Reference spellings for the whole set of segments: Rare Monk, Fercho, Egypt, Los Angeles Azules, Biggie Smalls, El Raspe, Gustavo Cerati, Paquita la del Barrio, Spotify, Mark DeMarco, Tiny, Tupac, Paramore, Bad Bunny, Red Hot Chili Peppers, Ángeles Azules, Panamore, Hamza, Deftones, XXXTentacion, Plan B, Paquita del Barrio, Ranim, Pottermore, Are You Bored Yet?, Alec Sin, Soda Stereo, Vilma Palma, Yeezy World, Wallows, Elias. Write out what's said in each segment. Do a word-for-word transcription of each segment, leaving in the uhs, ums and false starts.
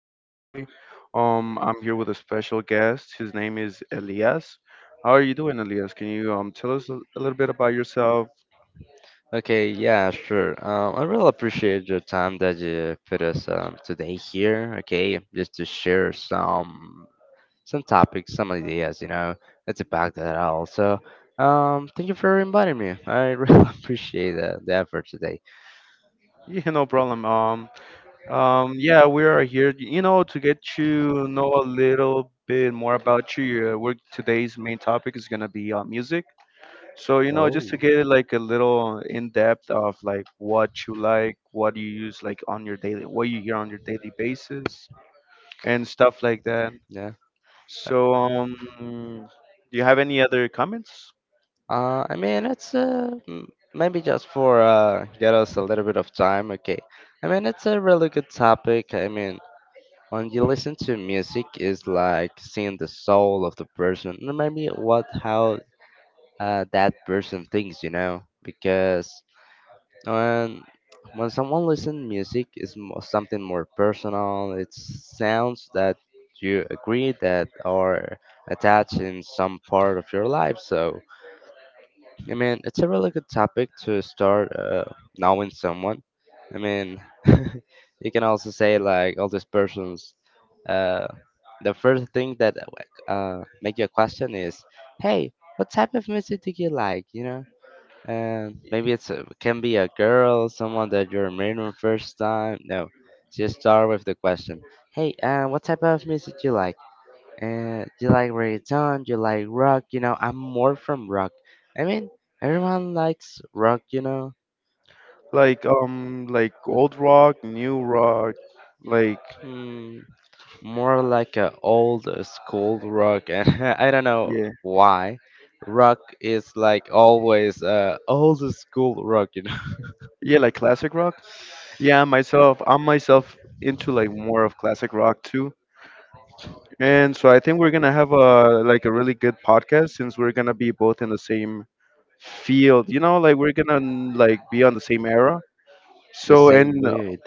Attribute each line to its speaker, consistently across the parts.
Speaker 1: podcast today. Um, I'm here with a special guest. His name is Elias. How are you doing, Elias? Can you um tell us a a little bit about yourself?
Speaker 2: Okay, yeah, sure. Um, I really appreciate your time that you put us um, today here. Okay, just to share some some topics, some ideas. You know, that's about that also. Um, thank you for inviting me. I really appreciate the, the effort today.
Speaker 1: Yeah, no problem. Um, um, yeah, we are here, you know, to get to know a little bit more about you. Uh, we're, today's main topic is gonna be uh, music. So, you know,
Speaker 2: Oh,
Speaker 1: just to get like a little in depth of like what you like, what you use like on your daily, what you hear on your daily basis, and stuff like that.
Speaker 2: yeah.
Speaker 1: So, um, do you have any other comments?
Speaker 2: Uh, I mean, it's uh, m- maybe just for uh, get us a little bit of time. Okay. I mean, it's a really good topic. I mean, when you listen to music, it's like seeing the soul of the person, and maybe what how uh, that person thinks, you know. Because when when someone listens music, is something more personal. It's sounds that you agree that are attached in some part of your life. So I mean, it's a really good topic to start uh, knowing someone. I mean, you can also say like all these persons. Uh, the first thing that uh, make you a question is, "Hey, what type of music do you like?" You know, and maybe it's a, can be a girl, someone that you're meeting on first time. No, just start with the question, "Hey, uh, what type of music do you like?" and you like reggaeton, you like rock, you know, I'm more from rock. I mean, everyone likes rock, you know,
Speaker 1: Like, um, like old rock, new rock, like,
Speaker 2: mm, more like a old school rock, and I don't know
Speaker 1: yeah,
Speaker 2: why. Rock is like always uh, old school rock, you know,
Speaker 1: yeah, like classic rock. Yeah, myself, I'm myself into like more of classic rock too. And so I think we're gonna have a like a really good podcast since we're gonna be both in the same field. You know, like we're gonna like be on the same era.
Speaker 2: The
Speaker 1: So
Speaker 2: same
Speaker 1: and
Speaker 2: mood.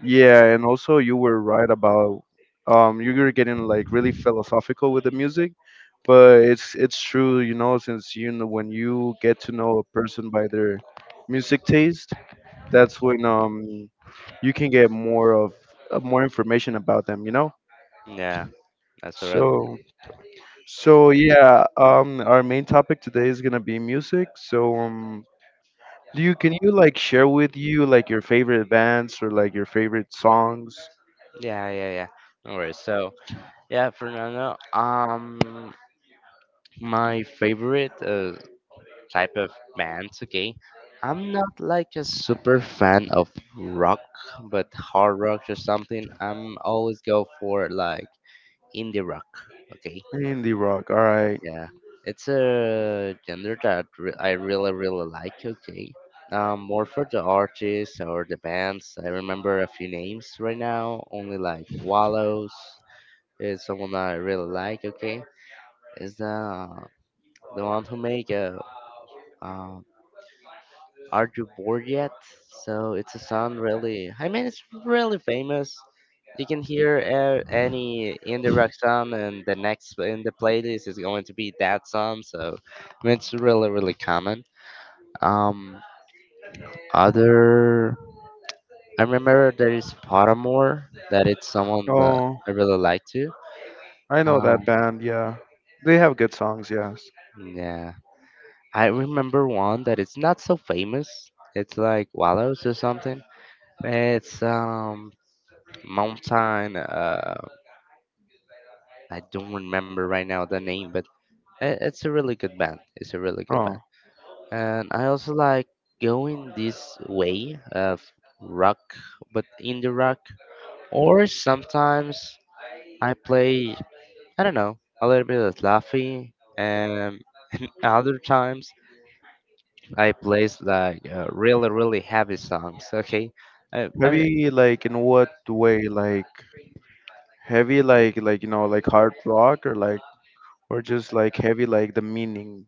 Speaker 1: yeah, and also you were right about um you were getting like really philosophical with the music, but it's it's true, you know, since you know when you get to know a person by their music taste, that's when um you can get more of uh, more information about them, you know?
Speaker 2: Yeah, that's relevant.
Speaker 1: So so yeah, um our main topic today is going to be music. So um do you can you like share with you like your favorite bands or like your favorite songs?
Speaker 2: Yeah, yeah, yeah. Alright, so, yeah, Fernando, um, my favorite uh, type of bands, okay? I'm not like a super fan of rock, but hard rock or something. I'm always go for like indie rock, okay?
Speaker 1: Indie rock. All right.
Speaker 2: Yeah, it's a genre that re- I really really like, okay? Um, more for the artists or the bands. I remember a few names right now, only like Wallows is someone that I really like, okay? Is the the one who make a uh, um, Are You Bored Yet? So it's a song really, I mean, it's really famous. You can hear uh, any indie rock song, and the next in the playlist is going to be that song. So I mean, it's really, really common. Um, other, I remember there is Pottermore, that it's someone that
Speaker 1: Oh,
Speaker 2: I really like to.
Speaker 1: I know that
Speaker 2: Um,
Speaker 1: band. Yeah, they have good songs. Yes.
Speaker 2: yeah, I remember one that it's not so famous. It's like Wallows or something. It's um Mountain. Uh, I don't remember right now the name, but i- it's a really good band. It's a really good
Speaker 1: Oh,
Speaker 2: band, and I also like going this way of rock, but in the rock, or sometimes I play. I don't know a little bit of Laffy, and other times I plays like uh, really really heavy songs. Okay, I, I mean.
Speaker 1: heavy like in what way? Like heavy like like you know like hard rock or like or just like heavy like the meaning.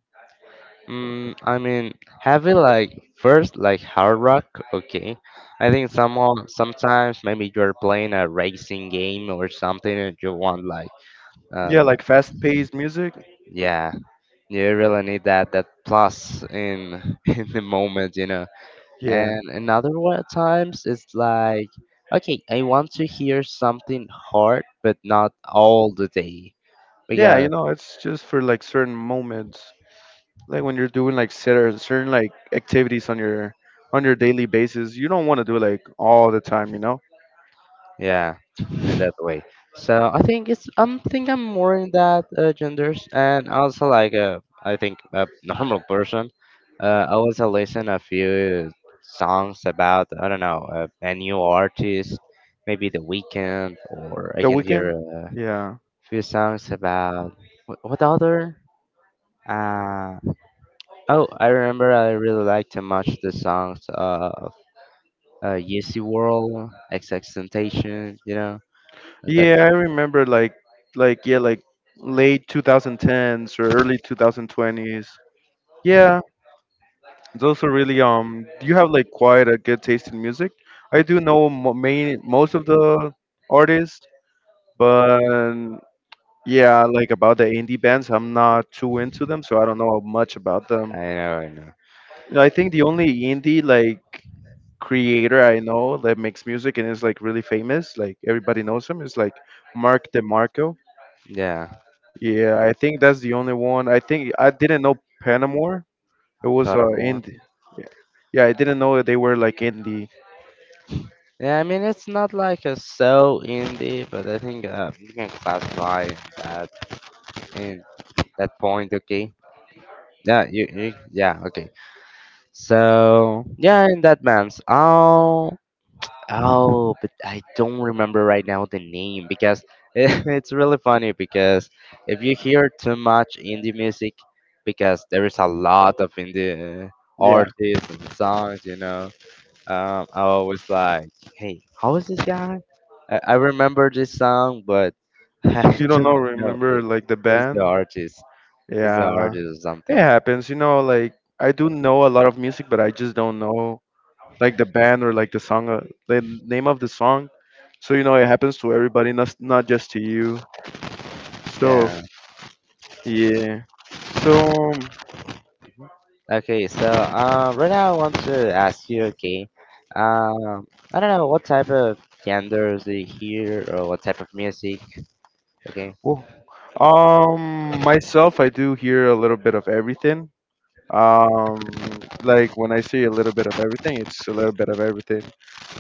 Speaker 2: Mm, I mean, heavy like first like hard rock, okay. I think somehow sometimes maybe you're playing a racing game or something and you want like uh
Speaker 1: Yeah,
Speaker 2: the,
Speaker 1: like fast paced music.
Speaker 2: yeah, you really need that that plus in in the moment, you know.
Speaker 1: Yeah.
Speaker 2: And another one at times is like okay, I want to hear something hard but not all the day.
Speaker 1: Yeah, you know, it's just for like certain moments, like when you're doing like certain certain like activities on your on your daily basis. You don't want to do like all the time, you know.
Speaker 2: Yeah, in that way. So I think it's I'm think I'm more in that uh, genders and also like uh, I think a normal person. Uh, I also listen a few songs about I don't know uh, a new artist, maybe The Weekend, or I
Speaker 1: The
Speaker 2: can hear
Speaker 1: Weekend.
Speaker 2: a
Speaker 1: Yeah.
Speaker 2: few songs about what, what other. Uh, oh, I remember I really liked too much the songs of uh, Yeezy World, XXXTentacion, you know and that.
Speaker 1: Yeah, I remember like like yeah like late twenty tens or early twenty twenties. Yeah, those are really um. You have like quite a good taste in music. I do know mo main most of the artists, but yeah, like about the indie bands, I'm not too into them, so I don't know much about
Speaker 2: I
Speaker 1: them.
Speaker 2: know, I know.
Speaker 1: I think the only indie like creator I know that makes music and is like really famous, like everybody knows him, is like Mark DeMarco.
Speaker 2: Yeah,
Speaker 1: Yeah, I think that's the only one. I think I didn't know Panamore. It was uh
Speaker 2: Paramore.
Speaker 1: indie. Yeah, yeah, I didn't know they were like indie.
Speaker 2: Yeah, I mean it's not like a so indie, but I think uh, you can classify that in that point. Okay. Yeah, you, you. Yeah, okay. So yeah, in that man's. Oh, oh, but I don't remember right now the name because it's really funny because if you hear too much indie music, because there is a lot of indie uh,
Speaker 1: Yeah,
Speaker 2: artists and songs, you know Um, I always like, hey, how is this guy? I, I remember this song, but I
Speaker 1: you don't know.
Speaker 2: don't know who
Speaker 1: Remember like the
Speaker 2: who is the
Speaker 1: band?
Speaker 2: artist. Is the
Speaker 1: Yeah.
Speaker 2: artist or
Speaker 1: It
Speaker 2: something?
Speaker 1: happens, you know, like I do know a lot of music, but I just don't know like the band or like the song, uh, the name of the song. So, you know, it happens to everybody, not, not just to you. So,
Speaker 2: Yeah.
Speaker 1: yeah. So, um,
Speaker 2: Okay, so um, right now I want to ask you, okay, um, I don't know what type of genders do you hear or what type of music? Okay.
Speaker 1: well, um, myself, I do hear a little bit of everything. Um, like when I see a little bit of everything, it's a little bit of everything.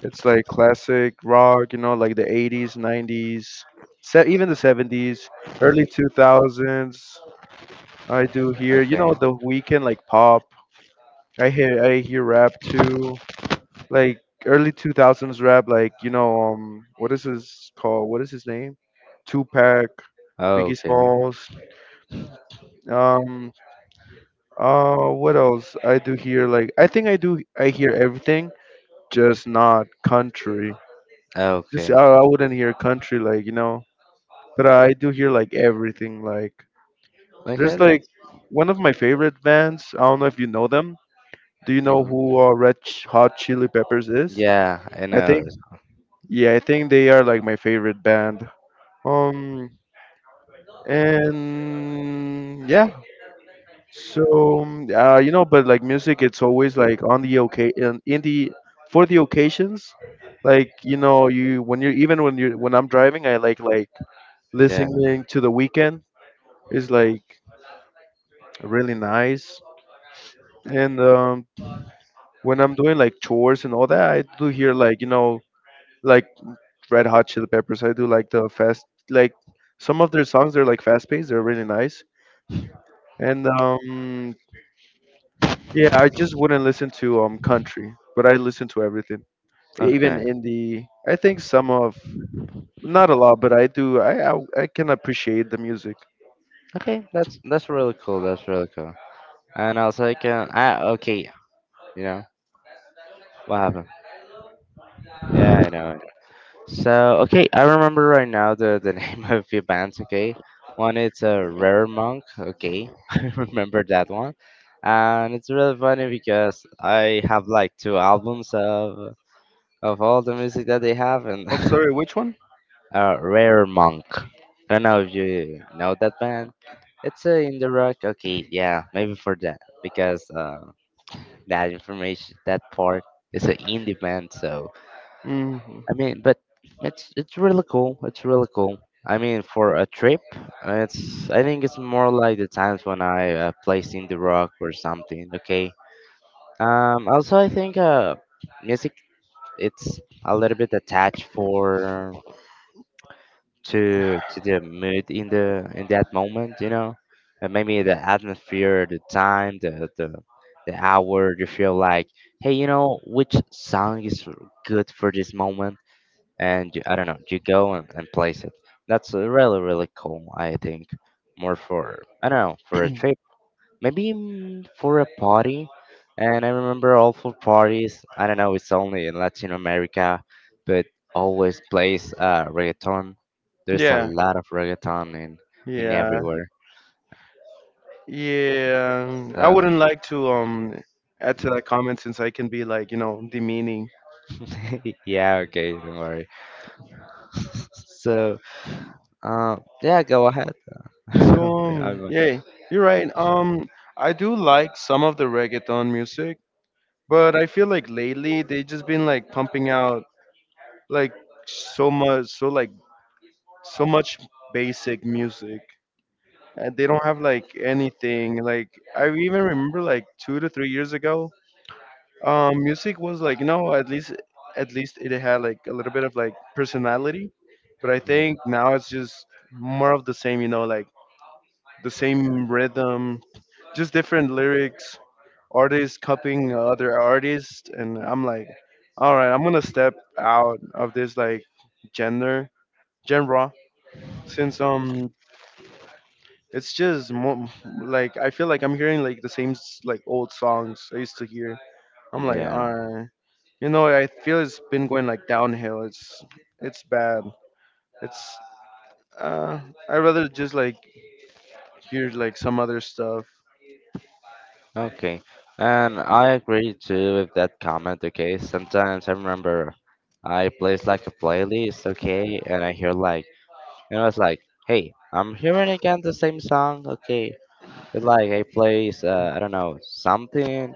Speaker 1: It's like classic rock, you know, like the eighties, nineties, se- even the seventies, early two thousands. I do hear, you know,
Speaker 2: Okay.
Speaker 1: The Weekend like pop. I hear I hear rap too, like early two thousands rap, like you know, um, what is his called? What is his name? Tupac, Biggie
Speaker 2: Okay.
Speaker 1: Smalls. Um, Uh, what else I do here? Like, I think I do. I hear everything, just not country. Just I,
Speaker 2: Okay.
Speaker 1: I wouldn't hear country, like you know. But I do hear like everything. Like,
Speaker 2: Okay.
Speaker 1: there's like
Speaker 2: That's,
Speaker 1: one of my favorite bands. I don't know if you know them. Do you know
Speaker 2: hmm
Speaker 1: who uh, Red Ch- Hot Chili Peppers is?
Speaker 2: Yeah, I
Speaker 1: I
Speaker 2: know.
Speaker 1: think. Yeah, I think they are like my favorite band. Um, and yeah, so um, uh, you know, but like music, it's always like on the okay in, in the for the occasions. Like you know, you when you're even when you're when I'm driving, I like like
Speaker 2: Yeah.
Speaker 1: listening to The Weekend is like really nice. And um, when I'm doing like chores and all that, I do hear like you know like Red Hot Chili Peppers. I do like the fast like some of their songs. They're like fast paced. They're really nice. And um, yeah, I just wouldn't listen to um country, but I listen to everything. Even
Speaker 2: Okay.
Speaker 1: in the I think some of not a lot but I do i i, I can appreciate the music.
Speaker 2: Okay, that's that's really cool. That's really cool. And also, I can ah okay, you know what happened? Yeah, I know. I know. So okay, I remember right now the the name of your bands. Okay, one it's a rare monk. Okay, I remember that one, and it's really funny because I have like two albums of of all the music that they have, and
Speaker 1: Oh, sorry, which one?
Speaker 2: uh, rare monk. I don't know if you know that band. It's a indie rock. Okay, yeah, maybe for that because. Uh, that information, that part is a in demand. So
Speaker 1: Hmm,
Speaker 2: I mean, but it's it's really cool. It's really cool. I mean, for a trip, it's I think it's more like the times when I uh, placed in the rock or something. Okay. Um. Also, I think uh, music it's a little bit attached for. to to the mood in the in that moment, you know, and maybe the atmosphere, the time, the the the hour. You feel like, hey, you know, which song is r- good for this moment, and you, I don't know, you go and, and place it. That's uh, really really cool. I think more for I don't know for a trip maybe mm, for a party. And I remember all for parties. I don't know, it's only in Latin America, but always plays uh, reggaeton. There's a,
Speaker 1: yeah,
Speaker 2: yeah, lot of reggaeton in in
Speaker 1: yeah,
Speaker 2: everywhere.
Speaker 1: yeah, I
Speaker 2: So
Speaker 1: wouldn't like to um add to that comment since I can be like you know demeaning.
Speaker 2: mm. Yeah, okay, don't worry. So uh, yeah, go ahead.
Speaker 1: So
Speaker 2: Yeah, I'm
Speaker 1: um
Speaker 2: like,
Speaker 1: yeah, you're right. um I do like some of the reggaeton music, but I feel like lately they just been like pumping out like so much so like so much basic music and they don't have like anything like. I even remember like two to three years ago, um music was like you know at least at least it had like a little bit of like personality, but I
Speaker 2: yeah.
Speaker 1: think now it's just more of the same, you know, like the same rhythm, just different lyrics, artists copying other artists, and I'm like, all right, I'm gonna step out of this like gender, genre, since um it's just mo- like I feel like I'm hearing like the same s- like old songs I used to hear. I'm like,
Speaker 2: Yeah.
Speaker 1: uh, you know, I feel it's been going like downhill. It's it's bad. It's uh, I rather just like hear like some other stuff.
Speaker 2: Okay, and I agree too with that comment. Okay, sometimes I remember I plays like a playlist, okay, and I hear like, and I was like, hey, I'm hearing again the same song, okay. It's like I plays, uh, I don't know, something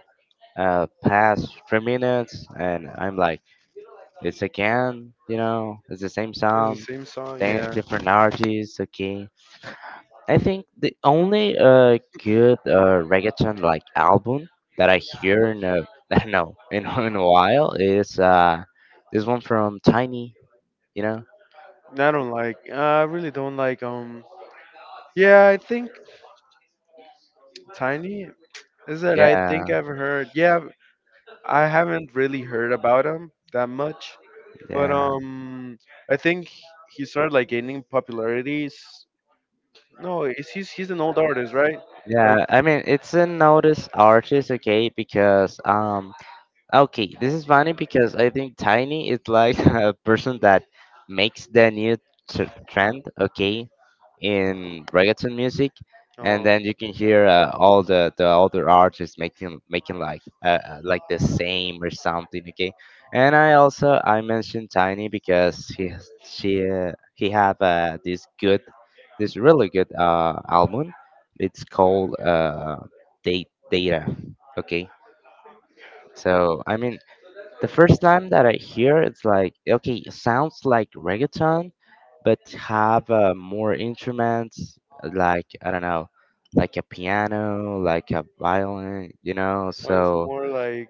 Speaker 2: uh, past three minutes, and I'm like, it's again, you know, it's the same
Speaker 1: It's the
Speaker 2: song,
Speaker 1: same song,
Speaker 2: th-
Speaker 1: yeah.
Speaker 2: different artists, okay. I think the only uh good uh reggaeton like album that I hear in a I don't know in, a- in a while is uh this one from Tiny, you know?
Speaker 1: I don't like. Uh, I really don't like. Um, yeah, I think Tiny is that I think
Speaker 2: Yeah,
Speaker 1: I've heard. Yeah, I haven't really heard about him that much, but
Speaker 2: yeah,
Speaker 1: um, I think he started like gaining popularity. s- No, it's, he's he's an old artist, right? Like,
Speaker 2: yeah. I mean it's a notice artist, okay? Because um okay, this is funny because I think Tiny is like a person that makes the new tr trend, okay? In reggaeton music, and
Speaker 1: uh,
Speaker 2: then you can hear uh, all the the other artists making making like uh, uh, like the same or something. Okay, and I also I mentioned Tiny because he has- she uh, he have uh, this good this really good uh album. It's called uh, Date Data. Okay, so I mean the first time that I hear it's like okay, it sounds like reggaeton, but have uh, more instruments like I don't know, like a piano, like a violin, you know.
Speaker 1: I was
Speaker 2: So
Speaker 1: more like,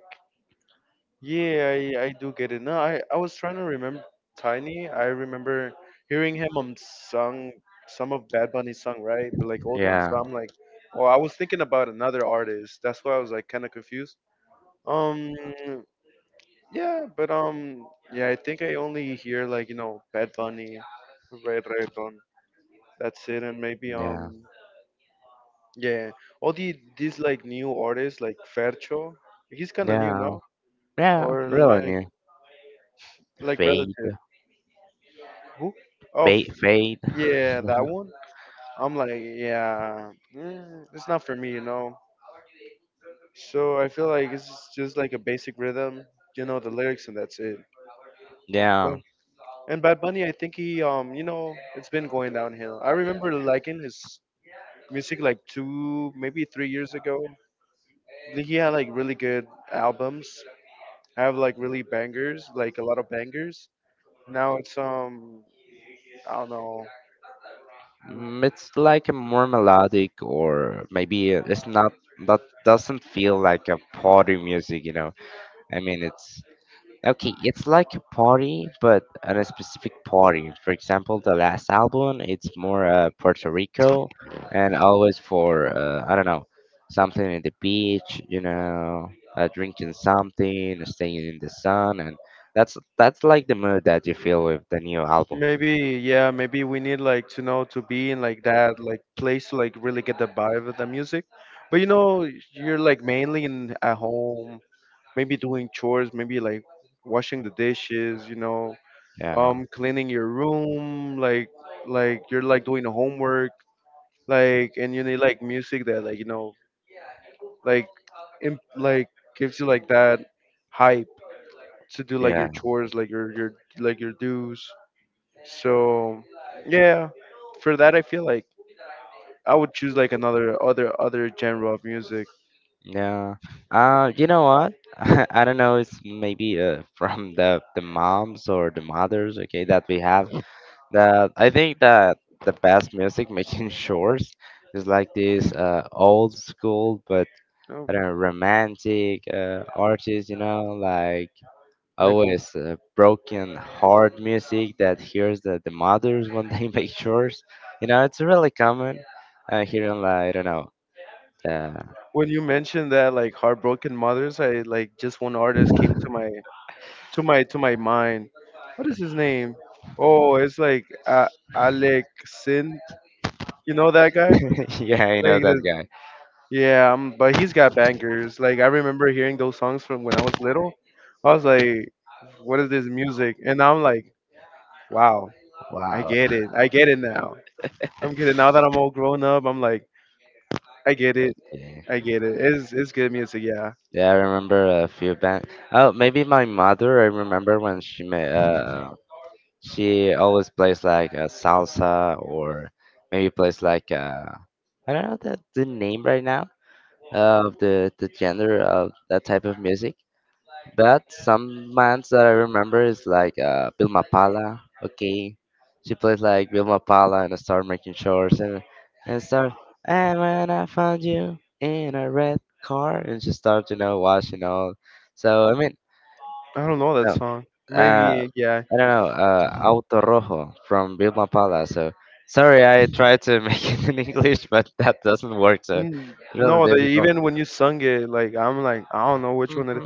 Speaker 1: yeah, I I do get it. No, I I was trying to remember Tiny. I remember hearing him on song some of Bad Bunny's song, right? But like old ones.
Speaker 2: yeah,
Speaker 1: So I'm like, oh, I was thinking about another artist. That's why I was like kind of confused. Um, Yeah, but um, yeah, I think I only hear like you know Bad Bunny, Red Reggaeton. That's it, and maybe
Speaker 2: yeah,
Speaker 1: um, yeah, all the these like new artists like Fercho. He's kind of new,
Speaker 2: yeah,
Speaker 1: no?
Speaker 2: yeah.
Speaker 1: Or
Speaker 2: Really
Speaker 1: like
Speaker 2: new.
Speaker 1: like
Speaker 2: Fade,
Speaker 1: relative. Who? Oh,
Speaker 2: bait,
Speaker 1: f-
Speaker 2: fade.
Speaker 1: yeah, that one. I'm like, yeah, mm, it's not for me, you know. So I feel like it's just like a basic rhythm, you know, the lyrics, and that's it.
Speaker 2: Yeah.
Speaker 1: And Bad Bunny, I think he, um, you know, it's been going downhill. I remember liking his music like two, maybe three years ago. He had like really good albums. Have like really bangers, like a lot of bangers. Now it's um, I don't know.
Speaker 2: Mm, It's like a more melodic or maybe it's not that doesn't feel like a party music, you know. I mean, it's okay, it's like a party, but at a specific party. For example, the last album, it's more uh, Puerto Rico and always for uh, I don't know, something in the beach, you know, uh, drinking something, staying in the sun and that's that's like the mood that you feel with the new album.
Speaker 1: Maybe yeah, maybe we need like to know to be in like that like place to like really get the vibe of the music. But you know, you're like mainly in at home, maybe doing chores, maybe like washing the dishes, you know,
Speaker 2: Yeah.
Speaker 1: um cleaning your room like like you're like doing homework like and you need like music that like you know like imp- like gives you like that hype to do like your
Speaker 2: Yeah.
Speaker 1: chores like your your like your dues. So yeah, for that I feel like I would choose like another other other genre of music.
Speaker 2: Yeah. Uh, you know what? I don't know. It's maybe uh, from the the moms or the mothers, okay, that we have. That I think that the best music making shorts is like this uh old school, but
Speaker 1: Oh,
Speaker 2: I don't know, romantic uh artists. You know, like
Speaker 1: like cool.
Speaker 2: always uh, broken heart music that hears the, the mothers when they make chores. You know, it's really common uh, here in like I don't know. Uh,
Speaker 1: When you mentioned that like heartbroken mothers, I like just one artist came to my to my to my mind. What is his name? Oh, it's like uh, Alec Sin. You know that guy?
Speaker 2: yeah, I know
Speaker 1: Like the
Speaker 2: that guy.
Speaker 1: yeah, um, but he's got bangers. Like I remember hearing those songs from when I was little. I was like, "What is this music?" And now I'm like, "Wow, I get it. I get it now. I'm getting now that I'm all grown up. I'm like, I get it.
Speaker 2: Yeah,
Speaker 1: I get it. It's it's good music. Yeah.
Speaker 2: yeah, I remember a few bands. Oh, maybe my mother. I remember when she made. Uh, she always plays like a salsa or maybe plays like a. I don't know the the name right now of the the gender of that type of music. But some bands that I remember is like uh, Vilma Pala. Okay, she plays like Vilma Pala and start making shorts and and start. And when I found you in a red car, and she starts, you know, washing all. So I mean,
Speaker 1: I don't know that
Speaker 2: no,
Speaker 1: song.
Speaker 2: uh,
Speaker 1: Maybe yeah.
Speaker 2: I don't know, uh, Auto Rojo from Vilma Pala. So sorry, I tried to make it in English, but that doesn't work. So
Speaker 1: Mm,
Speaker 2: really
Speaker 1: no, the,
Speaker 2: difficult.
Speaker 1: even when you sung it, like I'm like I don't know which one it.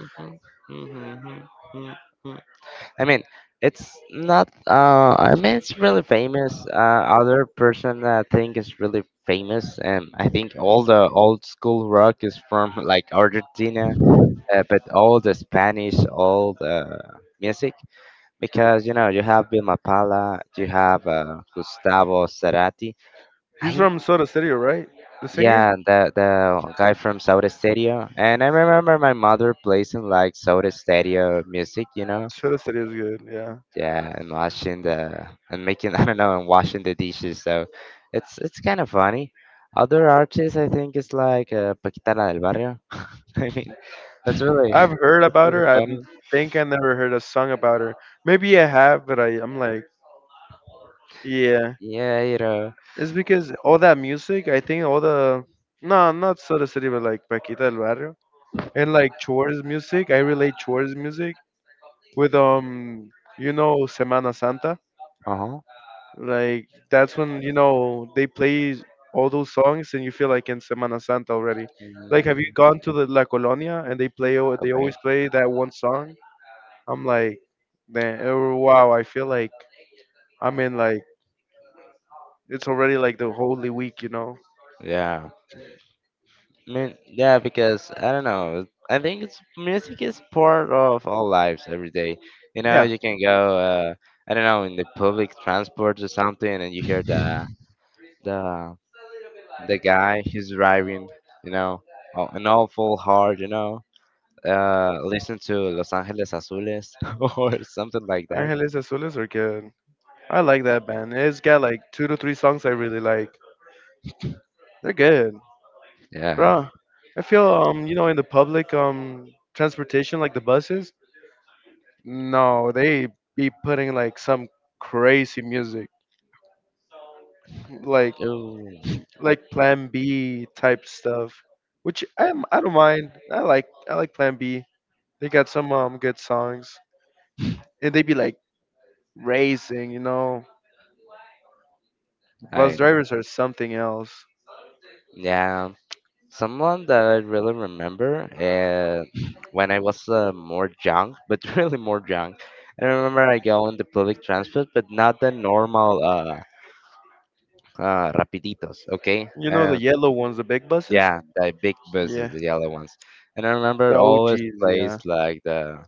Speaker 2: I mean, it's not. Uh, I mean, It's really famous. Uh, other person that I think is really famous, and I think all the old school rock is from like Argentina, uh, but all the Spanish, all the music, because you know you have Vilma Palma, you have uh, Gustavo Cerati.
Speaker 1: He's
Speaker 2: I
Speaker 1: from Soda Stereo, right? The singer?
Speaker 2: yeah, the the guy from Soda Stereo, and I remember my mother placing like Soda Stereo music, you know,
Speaker 1: Soda Stereo is good, yeah.
Speaker 2: yeah, and washing the and making I don't know and washing the dishes. So it's it's kind of funny. Other artists, I think, is like uh, Paquita la del Barrio. I mean, that's really
Speaker 1: I've heard
Speaker 2: That's
Speaker 1: about
Speaker 2: really
Speaker 1: her. I n-
Speaker 2: funny.
Speaker 1: think I never heard a song about her. Maybe I have, but I, I'm like, yeah.
Speaker 2: Yeah, you know.
Speaker 1: It's because all that music, I think all the. No, not Soda Stereo, but like Paquita del Barrio. And like Chores music, I relate Chores music with, um, you know, Semana Santa.
Speaker 2: Uh huh.
Speaker 1: Like that's when you know they play all those songs and you feel like in Semana Santa already. Like have you
Speaker 2: Mm,
Speaker 1: gone to the La Colonia and they play al- they
Speaker 2: okay.
Speaker 1: always play that one song? I'm like, then oh, wow, I feel like I'm in like it's already like the Holy Week, you know?
Speaker 2: Yeah. I mean, yeah, because I don't know. I think it's music is part of our lives every day. You know,
Speaker 1: Yeah,
Speaker 2: you can go. Uh, I don't know, in the public transport or something, and you hear the the the guy he's driving, you know, oh, an awful hard, you know, uh, listen to Los Angeles Azules or something like that.
Speaker 1: Ángeles Azules are good. I like that band. It's got like two to three songs I really like. They're good,
Speaker 2: Yeah.
Speaker 1: bro. I feel um you know in the public um transportation like the buses. No, they be putting like some crazy music, like
Speaker 2: Ooh,
Speaker 1: like Plan B type stuff, which I I don't mind. I like I like Plan B. They got some um good songs, and they be like racing. You know,
Speaker 2: I
Speaker 1: bus
Speaker 2: know.
Speaker 1: drivers are something else.
Speaker 2: Yeah. Someone that I really remember uh, when I was uh, more young, but really more young. I remember I go on the public transport, but not the normal uh, uh, rapiditos, okay?
Speaker 1: You know the
Speaker 2: Uh,
Speaker 1: yellow ones, the big buses.
Speaker 2: yeah, the big
Speaker 1: Yeah,
Speaker 2: buses, the yellow ones. And I remember
Speaker 1: the
Speaker 2: always
Speaker 1: O Gs.
Speaker 2: plays
Speaker 1: Yeah,
Speaker 2: like the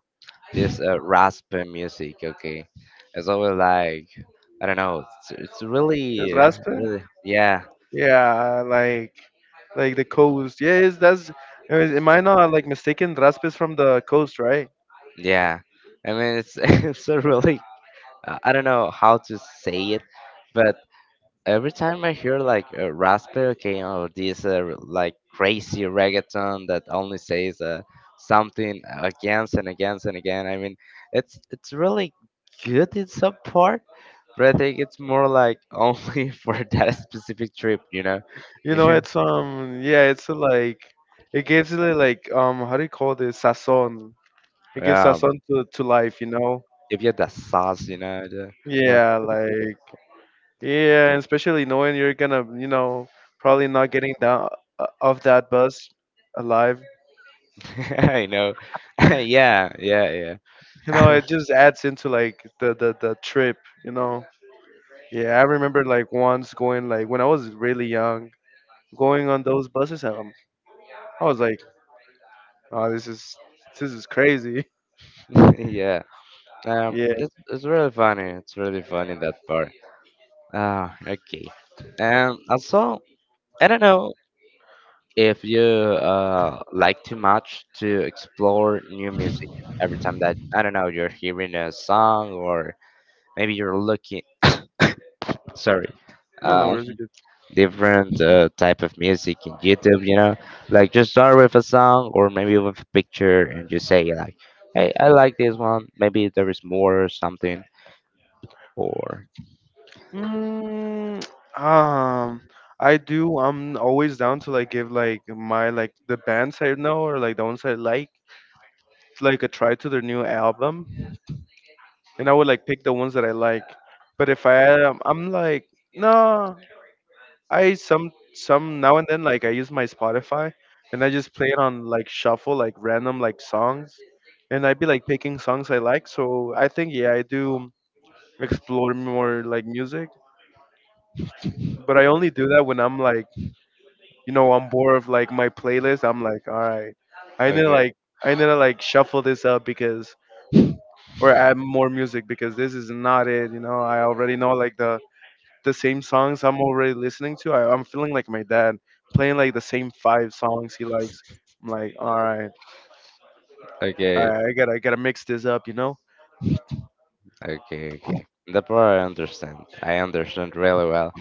Speaker 2: this uh, raspy music. Okay, it's always like I don't know. It's it's
Speaker 1: El
Speaker 2: really
Speaker 1: Raspe.
Speaker 2: really yeah
Speaker 1: Yeah, like like the coast. Yes, that's Uh, am I not like mistaken? Rasp is from the coast, right?
Speaker 2: yeah. I mean it's it's a really I I don't know how to say it, but every time I hear like a raspberry okay, or this uh, like crazy reggaeton that only says uh, something against and against and again. I mean, it's it's really good in some part, but I think it's more like only for that specific trip, you know.
Speaker 1: You know, it's um, yeah, it's uh, like it gives it like um, how do you call this sazon? It gives
Speaker 2: um,
Speaker 1: sazon to to life, you know?
Speaker 2: if you had that sauce, you know, the, that
Speaker 1: Yeah, like yeah, and especially knowing you're gonna, you know, probably not getting down uh, off that bus alive.
Speaker 2: I know. Yeah, yeah, yeah,
Speaker 1: You know, it just adds into like the the the trip, you know? Yeah, I remember like once going like when I was really young, going on those buses. Um, I was like, oh, this is This is crazy.
Speaker 2: yeah. Um,
Speaker 1: Yeah.
Speaker 2: it's it's really funny. It's really funny that part. Ah, okay. And also, I don't know if you uh like too much to explore new music every time that I don't know you're hearing a song or maybe you're looking sorry,
Speaker 1: No, no,
Speaker 2: uh,
Speaker 1: where's it good?
Speaker 2: different uh, type of music in YouTube. You know, like just start with a song or maybe with a picture and just say like, "Hey, I like this one. Maybe there is more or something." Or
Speaker 1: Mm, um, I do. I'm always down to like give like my like the bands I know or like the ones I like like a try to their new album, and I would like pick the ones that I like. But if I um, I'm like no, I some some now and then like I use my Spotify and I just play it on like shuffle like random like songs, and I'd be like picking songs I like. So I think yeah, I do explore more like music. But I only do that when I'm like, you know, I'm bored of like my playlist. I'm like, all right, I need to
Speaker 2: okay,
Speaker 1: like, I need to like shuffle this up because, or add more music because this is not it. You know, I already know like the the same songs I'm already listening to. I, I'm feeling like my dad playing like the same five songs he likes. I'm like, all right, all
Speaker 2: okay.
Speaker 1: right, I gotta, I gotta mix this up. You know?
Speaker 2: Okay, okay. That part I understand. I understand really well.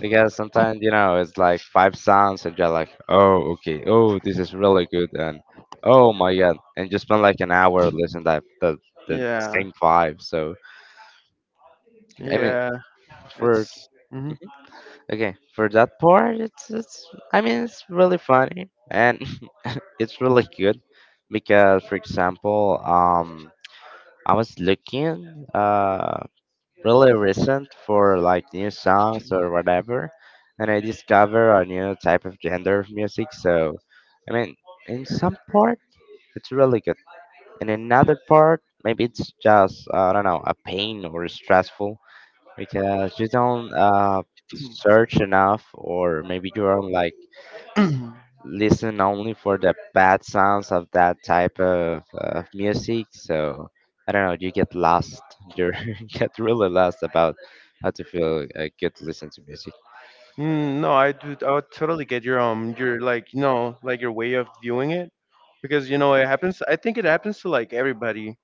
Speaker 2: Because sometimes, you know, it's like five sounds and you're like, oh, okay, oh, this is really good. And oh my God. And you spend like an hour listening to that, the, the
Speaker 1: Yeah,
Speaker 2: same five. So, I mean,
Speaker 1: yeah.
Speaker 2: for,
Speaker 1: It's. Hmm.
Speaker 2: okay, for that part, it's, it's, I mean, it's really funny and it's really good. Because, for example, um, I was looking, uh, really recent for like new songs or whatever, and I discover a new type of genre of music. So, I mean, in some part it's really good. In another part maybe it's just I don't know a pain or stressful because you don't uh, search enough, or maybe you are like listen only for the bad sounds of that type of, of music. So I don't know, you get lost, you get really lost about how to feel uh, good to listen to music.
Speaker 1: Mm, no, I do. I would totally get your um, your like, you know, like your way of viewing it, because you know it happens. I think it happens to like everybody.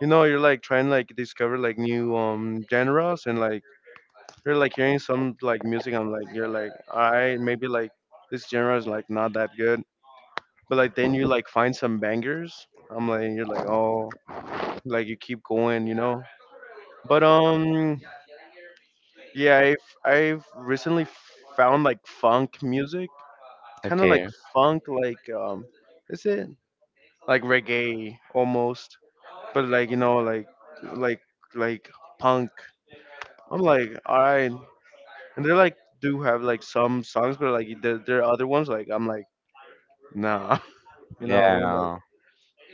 Speaker 1: You know, you're like trying to like discover like new um genres and like you're like hearing some like music. I'm like you're like, all right, maybe like this genre is like not that good, but like then you like find some bangers. I'm like you're like oh, like you keep going, you know. But um, yeah, I've I've recently found like funk music kind of like
Speaker 2: Okay,
Speaker 1: funk, like um, is it like reggae almost, but like you know, like like like punk. I'm like, all right, and they like do have like some songs, but like there there are other ones like I'm like nah, you know, and like
Speaker 2: yeah.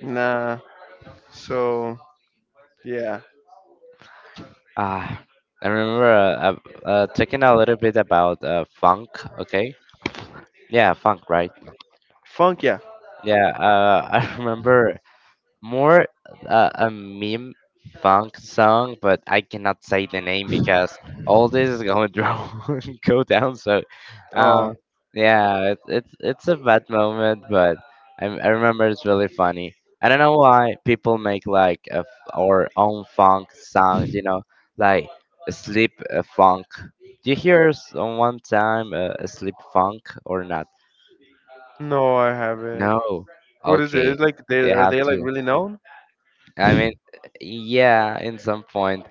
Speaker 1: nah. So yeah,
Speaker 2: Ah, I remember uh, uh, uh, talking a little bit about uh, funk. Okay, yeah, funk, right?
Speaker 1: funk, yeah.
Speaker 2: Yeah, uh, I remember more uh, a meme funk song, but I cannot say the name because all this is going to go down. So, uh,
Speaker 1: Oh
Speaker 2: yeah, it, it's it's a bad moment, but I, I remember it's really funny. I don't know why people make like a f our own funk songs, you know, like a sleep a funk. Do you hear s- one time uh, a sleep funk or not?
Speaker 1: no, I haven't.
Speaker 2: No.
Speaker 1: What is it?
Speaker 2: Okay.
Speaker 1: It's like they
Speaker 2: You
Speaker 1: are
Speaker 2: have
Speaker 1: they like
Speaker 2: to.
Speaker 1: really known?
Speaker 2: I mean, yeah, in some point,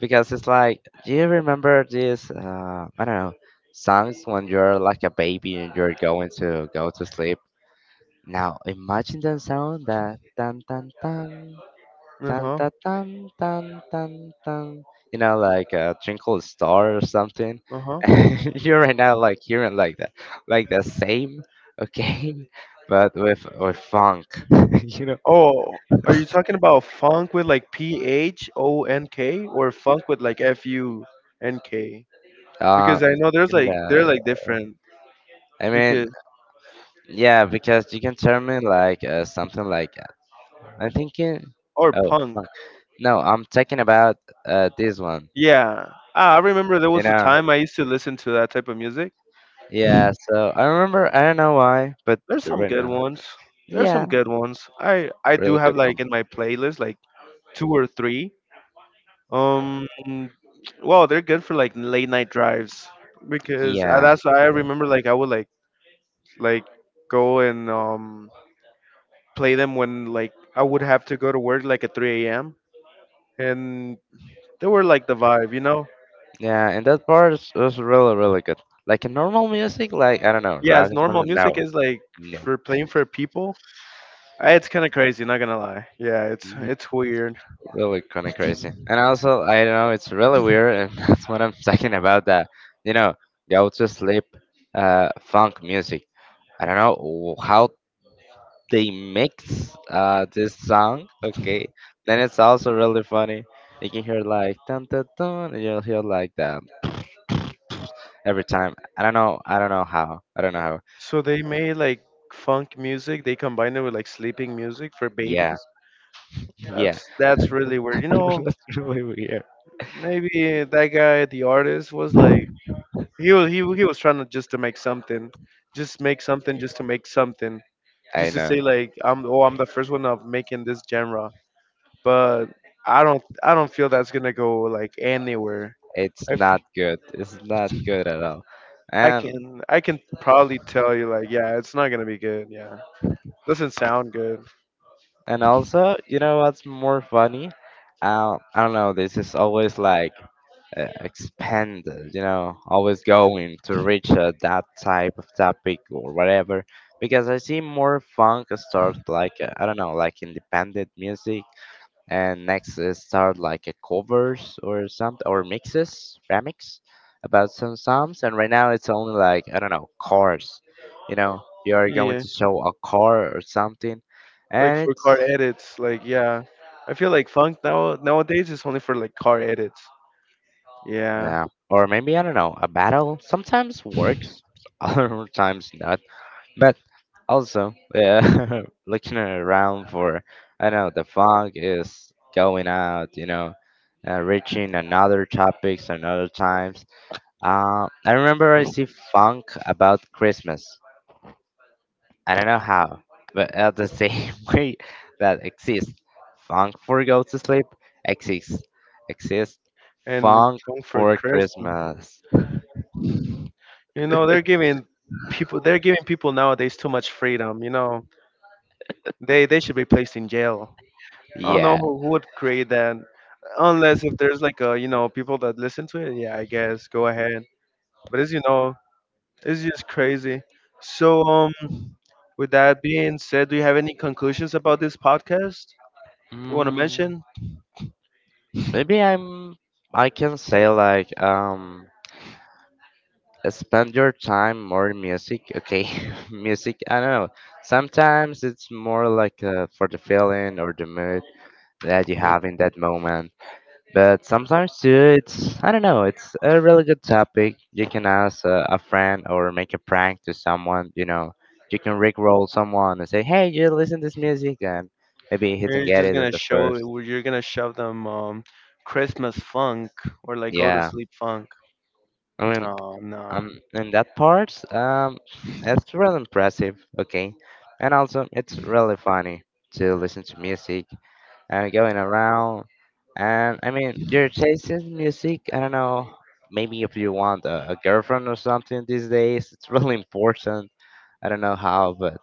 Speaker 2: because it's like, do you remember this? Uh, I don't know, sounds when you're like a baby and you're going to go to sleep. Now imagine that sound that tan tan tan
Speaker 1: Uh
Speaker 2: tan
Speaker 1: huh.
Speaker 2: tan tan tan tan tan. You know, like a twinkle star or something.
Speaker 1: Uh huh.
Speaker 2: You're right now like hearing like that, like the same, okay, but with with funk, you know.
Speaker 1: Oh, are you talking about funk with like P H O N K or funk with like F U N K?
Speaker 2: Um,
Speaker 1: Because I know there's like
Speaker 2: yeah,
Speaker 1: they're like different.
Speaker 2: I mean,
Speaker 1: Because
Speaker 2: yeah, because you can tell me like uh, something like I'm thinking.
Speaker 1: or
Speaker 2: Oh
Speaker 1: punk.
Speaker 2: fuck! No, I'm talking about uh this one.
Speaker 1: Yeah. Ah, I remember there
Speaker 2: You
Speaker 1: was a
Speaker 2: know.
Speaker 1: time I used to listen to that type of music.
Speaker 2: Yeah. So I remember. I don't know why, but
Speaker 1: There's some
Speaker 2: right
Speaker 1: good
Speaker 2: now.
Speaker 1: ones. There's
Speaker 2: Yeah.
Speaker 1: some good ones. I I do
Speaker 2: Really
Speaker 1: have
Speaker 2: good
Speaker 1: like
Speaker 2: one.
Speaker 1: in my playlist like two or three. Um, well, they're good for like late night drives because uh,
Speaker 2: Yeah.
Speaker 1: that's I
Speaker 2: Yeah,
Speaker 1: remember like I would like like go and um play them when like I would have to go to work like at three a m and they were like the vibe, you know.
Speaker 2: yeah, and that part is, was really really good. Like a normal music, like I don't know,
Speaker 1: Yeah, it's
Speaker 2: rock or
Speaker 1: normal
Speaker 2: something.
Speaker 1: music
Speaker 2: No.
Speaker 1: is like for playing for people. Uh, It's kind of crazy, not gonna lie. Yeah, it's
Speaker 2: No,
Speaker 1: it's weird.
Speaker 2: really kind of crazy. And also, I don't know it's really weird, and that's what I'm talking about. That you know, go to sleep, uh, funk music. I don't know wh- how they mix uh this song. Okay, then it's also really funny. You can hear like dun dun dun, and you'll hear like that every time. I don't know. I don't know how. I don't know how.
Speaker 1: So they made like funk music. They combined it with like sleeping music for
Speaker 2: Yeah,
Speaker 1: babies.
Speaker 2: yeah.
Speaker 1: That's that's really weird. You know,
Speaker 2: That's really weird.
Speaker 1: maybe that guy, the artist, was like he was he, he was trying to just to make something, just make something, just to make something,
Speaker 2: I
Speaker 1: just to
Speaker 2: know.
Speaker 1: say like I'm oh I'm the first one of making this genre. But I don't I don't feel that's gonna go like anywhere.
Speaker 2: It's
Speaker 1: I, f-
Speaker 2: not good. It's not good at all.
Speaker 1: I
Speaker 2: And
Speaker 1: can I can probably tell you like yeah it's not gonna be good yeah doesn't sound good
Speaker 2: And also, you know what's more funny? Uh, I don't know, this is always like uh, expanded, you know, always going to reach uh, that type of topic or whatever. Because I see more funk start like, uh, I don't know, like independent music. And next uh, start like a covers or something, or mixes, remix about some songs. And right now it's only like, I don't know, cars. You know, you are going
Speaker 1: yeah
Speaker 2: to show a car or something.
Speaker 1: like
Speaker 2: And
Speaker 1: for
Speaker 2: it's
Speaker 1: car edits like yeah I feel like funk now nowadays is only for like car edits yeah
Speaker 2: yeah. Or maybe, I don't know, a battle sometimes works, other times not. But also, yeah, looking around for, I know, the fog is going out, you know, uh, reaching another topics another times. Uh, I remember I see funk about Christmas. I don't know how, but at the same way that exists, funk for go to sleep exists. Exists
Speaker 1: and
Speaker 2: funk
Speaker 1: Comfort
Speaker 2: for
Speaker 1: Crest.
Speaker 2: Christmas.
Speaker 1: You know, they're giving people they're giving people nowadays too much freedom. You know, they they should be placed in jail. I don't know
Speaker 2: Yeah.
Speaker 1: who, who would create that, unless if there's like a you know people that listen to it. Yeah, I guess go ahead. But as you know, it's just crazy. So um, with that being said, do you have any conclusions about this podcast you want to
Speaker 2: Mm,
Speaker 1: mention?
Speaker 2: maybe I'm. I can say like um, spend your time more in music. Okay, music. I don't know. Sometimes it's more like uh, for the feeling or the mood that you have in that moment. But sometimes too, it's I don't know. It's a really good topic. You can ask uh, a friend or make a prank to someone. You know, you can rickroll someone and say, "Hey, you listen to this music," and maybe he
Speaker 1: Or
Speaker 2: can
Speaker 1: you're
Speaker 2: get
Speaker 1: just
Speaker 2: it in
Speaker 1: gonna
Speaker 2: the
Speaker 1: show
Speaker 2: first.
Speaker 1: you're gonna shove them um Christmas funk or like go to
Speaker 2: Yeah.
Speaker 1: sleep funk.
Speaker 2: I mean,
Speaker 1: Oh no.
Speaker 2: um, in that part, um, it's really impressive, okay? And also, it's really funny to listen to music and going around. And I mean, your taste in music, I don't know, maybe if you want a, a girlfriend or something these days, it's really important. I don't know how, but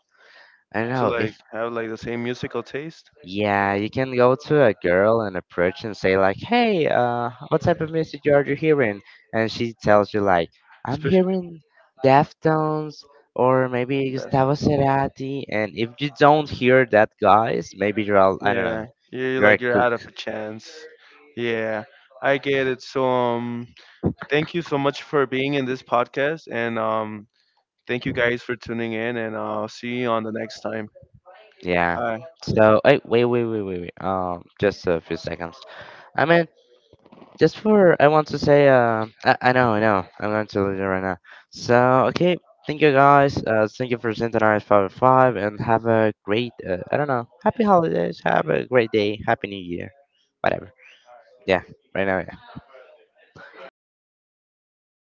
Speaker 2: I don't
Speaker 1: To
Speaker 2: know if
Speaker 1: like have like the same musical taste,
Speaker 2: yeah, you can go to a girl and approach and say like, "Hey, uh, what type of music are you hearing?" And she tells you like, "I'm
Speaker 1: especially
Speaker 2: hearing Deftones or maybe
Speaker 1: that's
Speaker 2: Gustavo
Speaker 1: tough.
Speaker 2: Cerati." And if you don't hear that, guys, maybe you're all, I don't know,
Speaker 1: Yeah, you're
Speaker 2: you're
Speaker 1: like you're out of
Speaker 2: cooked.
Speaker 1: a chance. Yeah, I get it. So um, thank you so much for being in this podcast, and um, thank you guys for tuning in, and uh, see you on the next time.
Speaker 2: Yeah.
Speaker 1: Bye.
Speaker 2: So, hey, wait, wait, wait, wait, wait. Um, just a few seconds. I mean, Just for, I want to say, uh, I, I know, I know, I'm going to leave it right now. So, okay, thank you guys. Uh, thank you for sending our five hundred five and have a great, uh, I don't know, happy holidays, have a great day, happy new year, whatever. Yeah, right now.